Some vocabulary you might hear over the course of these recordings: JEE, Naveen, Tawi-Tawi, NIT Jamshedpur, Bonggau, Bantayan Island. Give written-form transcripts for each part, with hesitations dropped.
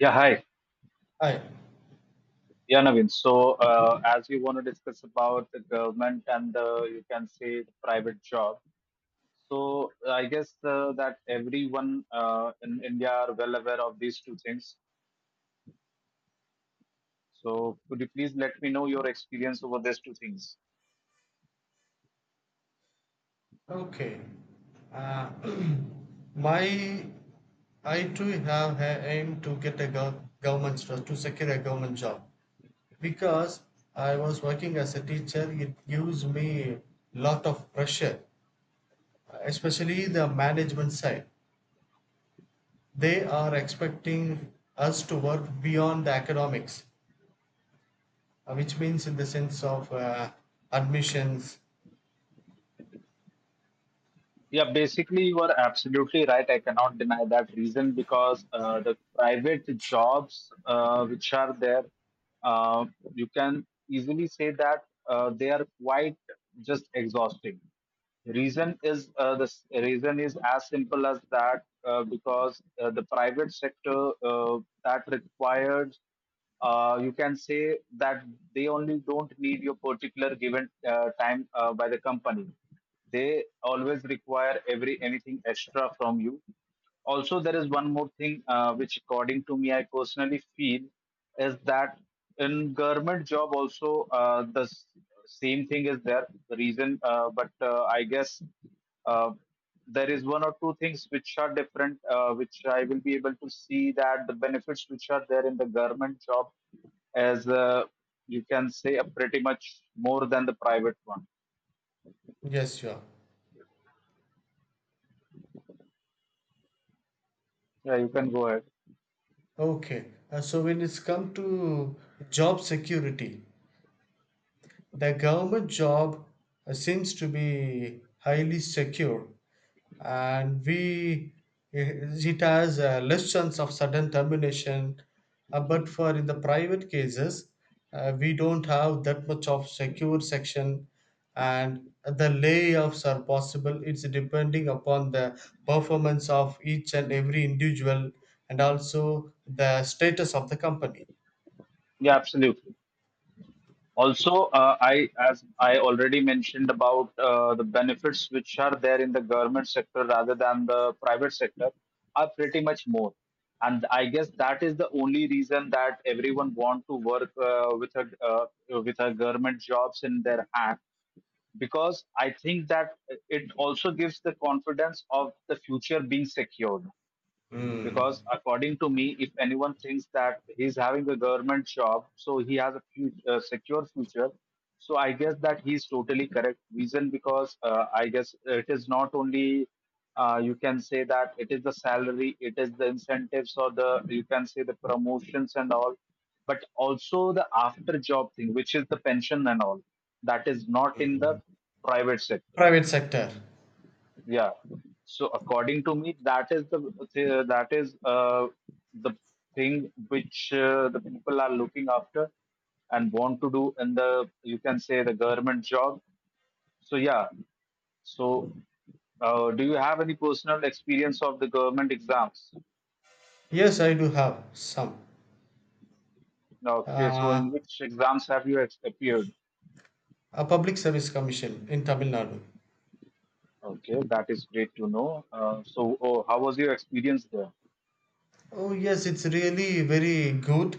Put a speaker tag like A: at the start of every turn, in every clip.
A: Yeah, hi.
B: Hi.
A: Yeah, Naveen. So, as you want to discuss about the government and you can say, the private job. So, I guess that everyone in India are well aware of these two things. So, could you please let me know your experience over these two things?
B: Okay. Uh, my I too have a aim to get a government job, to secure a government job, because I was working as a teacher. It gives me lot of pressure, especially the management side. They are expecting us to work beyond the academics, which means in the sense of admissions.
A: Yeah, basically, you are absolutely right. I cannot deny that reason because the private jobs which are there, uh, you can easily say that they are quite just exhausting. Reason is reason is as simple as that because the private sector that requires you can say that they only don't need your particular given time by the company. They always require every anything extra from you. Also, there is one more thing which, according to me, I personally feel is that in government job also same thing is there. The reason, but I guess uh, there is one or two things which are different, which I will be able to see that the benefits which are there in the government job as you can say pretty much more than the private one.
B: Yes, sure.
A: Yeah, you can go ahead.
B: Okay, so when it's come to job security, the government job seems to be highly secure, and we it has a less chance of sudden termination. But for in the private cases, we don't have that much of secure section, and the layoffs are possible. It's depending upon the performance of each and every individual, and also the status of the company.
A: Yeah, absolutely. Also, I, as I already mentioned about the benefits which are there in the government sector rather than the private sector, are pretty much more. And I guess that is the only reason that everyone want to work with a with a government jobs in their hand, because I think that it also gives the confidence of the future being secured,
B: Mm.
A: because according to me, if anyone thinks that he's having a government job, so he has a few, secure future, so I guess that he's totally correct. Reason, because I guess it is not only you can say that it is the salary, it is the incentives, or the, you can say, the promotions and all, but also the after job thing, which is the pension and all, that is not in the
B: Mm.
A: private sector.
B: Private sector.
A: Yeah. So according to me, that is the that is the thing which the people are looking after and want to do in the, you can say, the government job. So yeah. So do you have any personal experience of the government exams?
B: Yes, I do have some.
A: Okay, so
B: uh,
A: in which exams have you appeared?
B: a public service commission in Tamil Nadu.
A: Okay, that is great to know. So, oh, how was your experience
B: Oh, yes, it's really very good,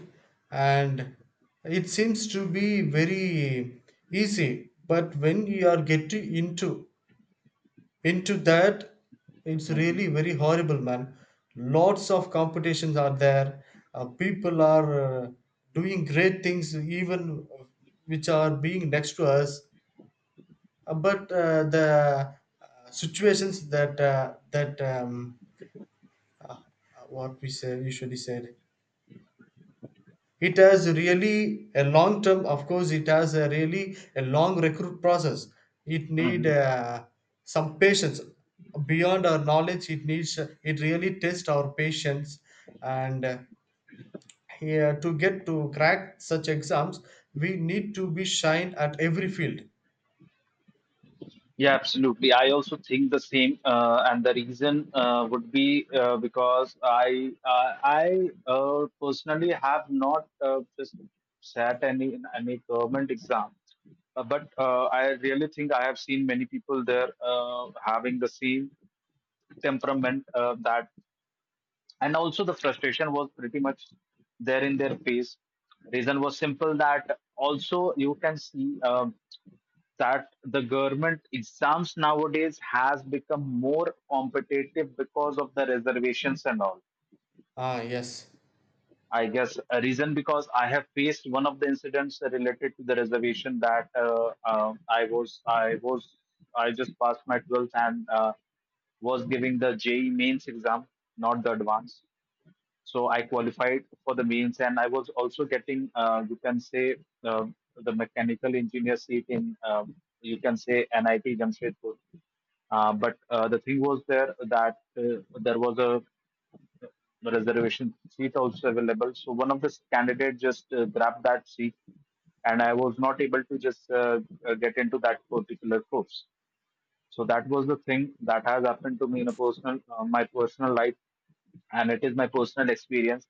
B: and it seems to be very easy. But when you are getting into that, it's
A: there?
B: really very horrible, man. Lots of competitions are there. People are doing great things, even which are being next to us. But the situations that what we say usually said. It has really a long term, of course, it has a really a long recruit process. It need some patience. Beyond our knowledge, it needs it really tests our patience. And here to get to crack such exams, we need to be shine at every field.
A: Yeah, absolutely. I also think the same, and the reason would be because I personally have not just sat any government exam, but I really think I have seen many people there having the same temperament that, and also the frustration was pretty much there in their face. Reason was simple, that also you can see that the government exams nowadays has become more competitive because of the reservations and all.
B: Ah, yes.
A: I guess a reason, because I have faced one of the incidents related to the reservation, that I was I just passed my 12th and was giving the JEE mains exam, not the advanced. So I qualified for the mains, and I was also getting, you can say, um the mechanical engineer seat in, you can say, nit jamshedpur. But the thing was there that there was a reservation seat also available, so one of the candidates just grabbed that seat, and I was not able to just get into that particular course. So that was the thing that has happened to me in a personal, my personal life, and it is my personal experience.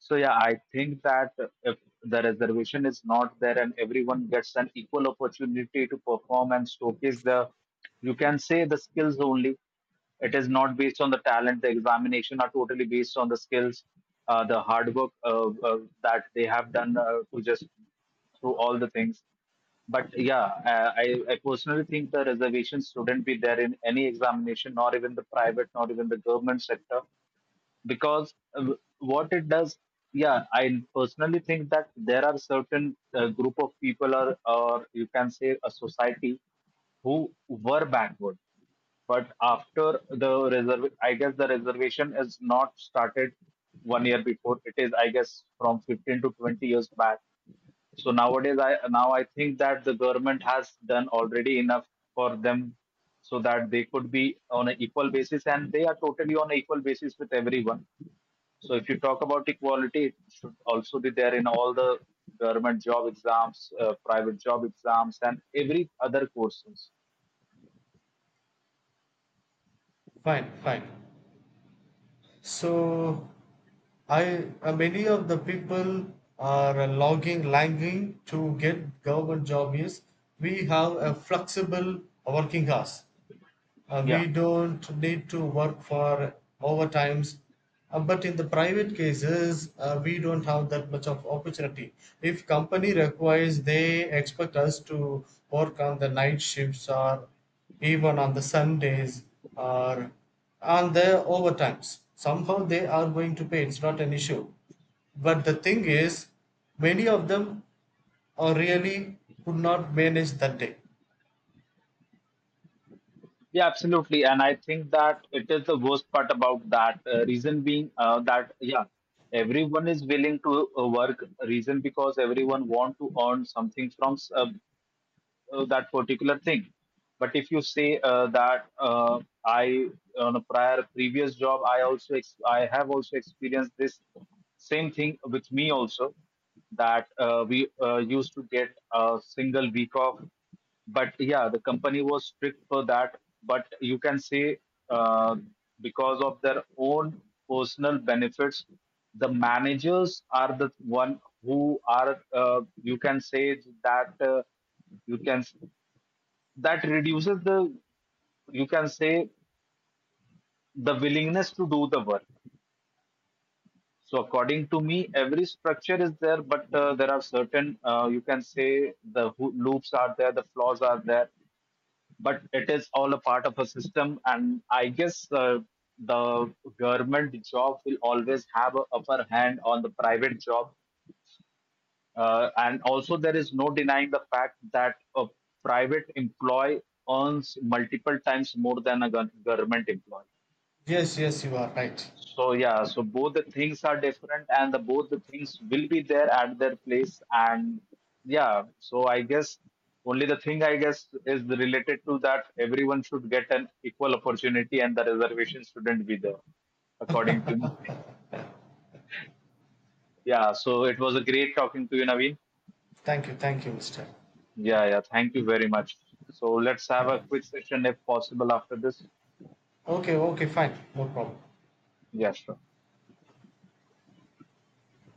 A: So yeah, I think that if the reservation is not there and everyone gets an equal opportunity to perform and showcase the, you can say, the skills only. It is not based on the talent. The examination are totally based on the skills, the hard work that they have done to just through all the things. But yeah, I personally think the reservations shouldn't be there in any examination, not even the private, not even the government sector, because what it does, yeah, I personally think that there are certain group of people, or you can say a society, who were backward. But after the reserve, I guess the reservation is not started one year before. It is, I guess, from 15 to 20 years back. So nowadays, I think that the government has done already enough for them, so that they could be on an equal basis, and they are totally on an equal basis with everyone. So if you talk about equality, it should also be there in all the government job exams, private job exams, and every other courses.
B: Fine, fine. So I many of the people are lagging to get government job is we have a flexible working hours. We
A: Yeah.
B: don't need to work for overtimes. But in the private cases, we don't have that much of opportunity. If company requires, they expect us to work on the night shifts, or even on the Sundays, or on the overtimes. Somehow they are going to pay. It's not an issue. But the thing is, many of them are really could not manage that day.
A: Yeah, absolutely. And I think that it is the worst part about that. Reason being that, yeah, everyone is willing to work. Reason, because everyone want to earn something from that particular thing. But if you say that I, on a prior previous job, I also I have also experienced this same thing with me also, that we used to get a single week off, but yeah, the company was strict for that. But you can say, uh, because of their own personal benefits, the managers are the one who are, you can say, that you can, that reduces the, you can say, the willingness to do the work. So according to me, every structure is there, but there are certain you can say the loops are there, the flaws are there, but it is all a part of a system. And I guess the government job will always have an upper hand on the private job. And also, there is no denying the fact that a private employee earns multiple times more than a government employee.
B: Yes, yes, you are right.
A: So yeah, so both the things are different, and the both the things will be there at their place. And yeah, so I guess only the thing I guess is related to that everyone should get an equal opportunity and the reservation shouldn't be there, according to me. Yeah, so it was a great talking to you, Naveen.
B: Thank you, Mr.
A: Yeah, yeah, thank you very much. So let's have a quick session if possible after this.
B: Okay, okay, fine, no problem.
A: Yeah, sure.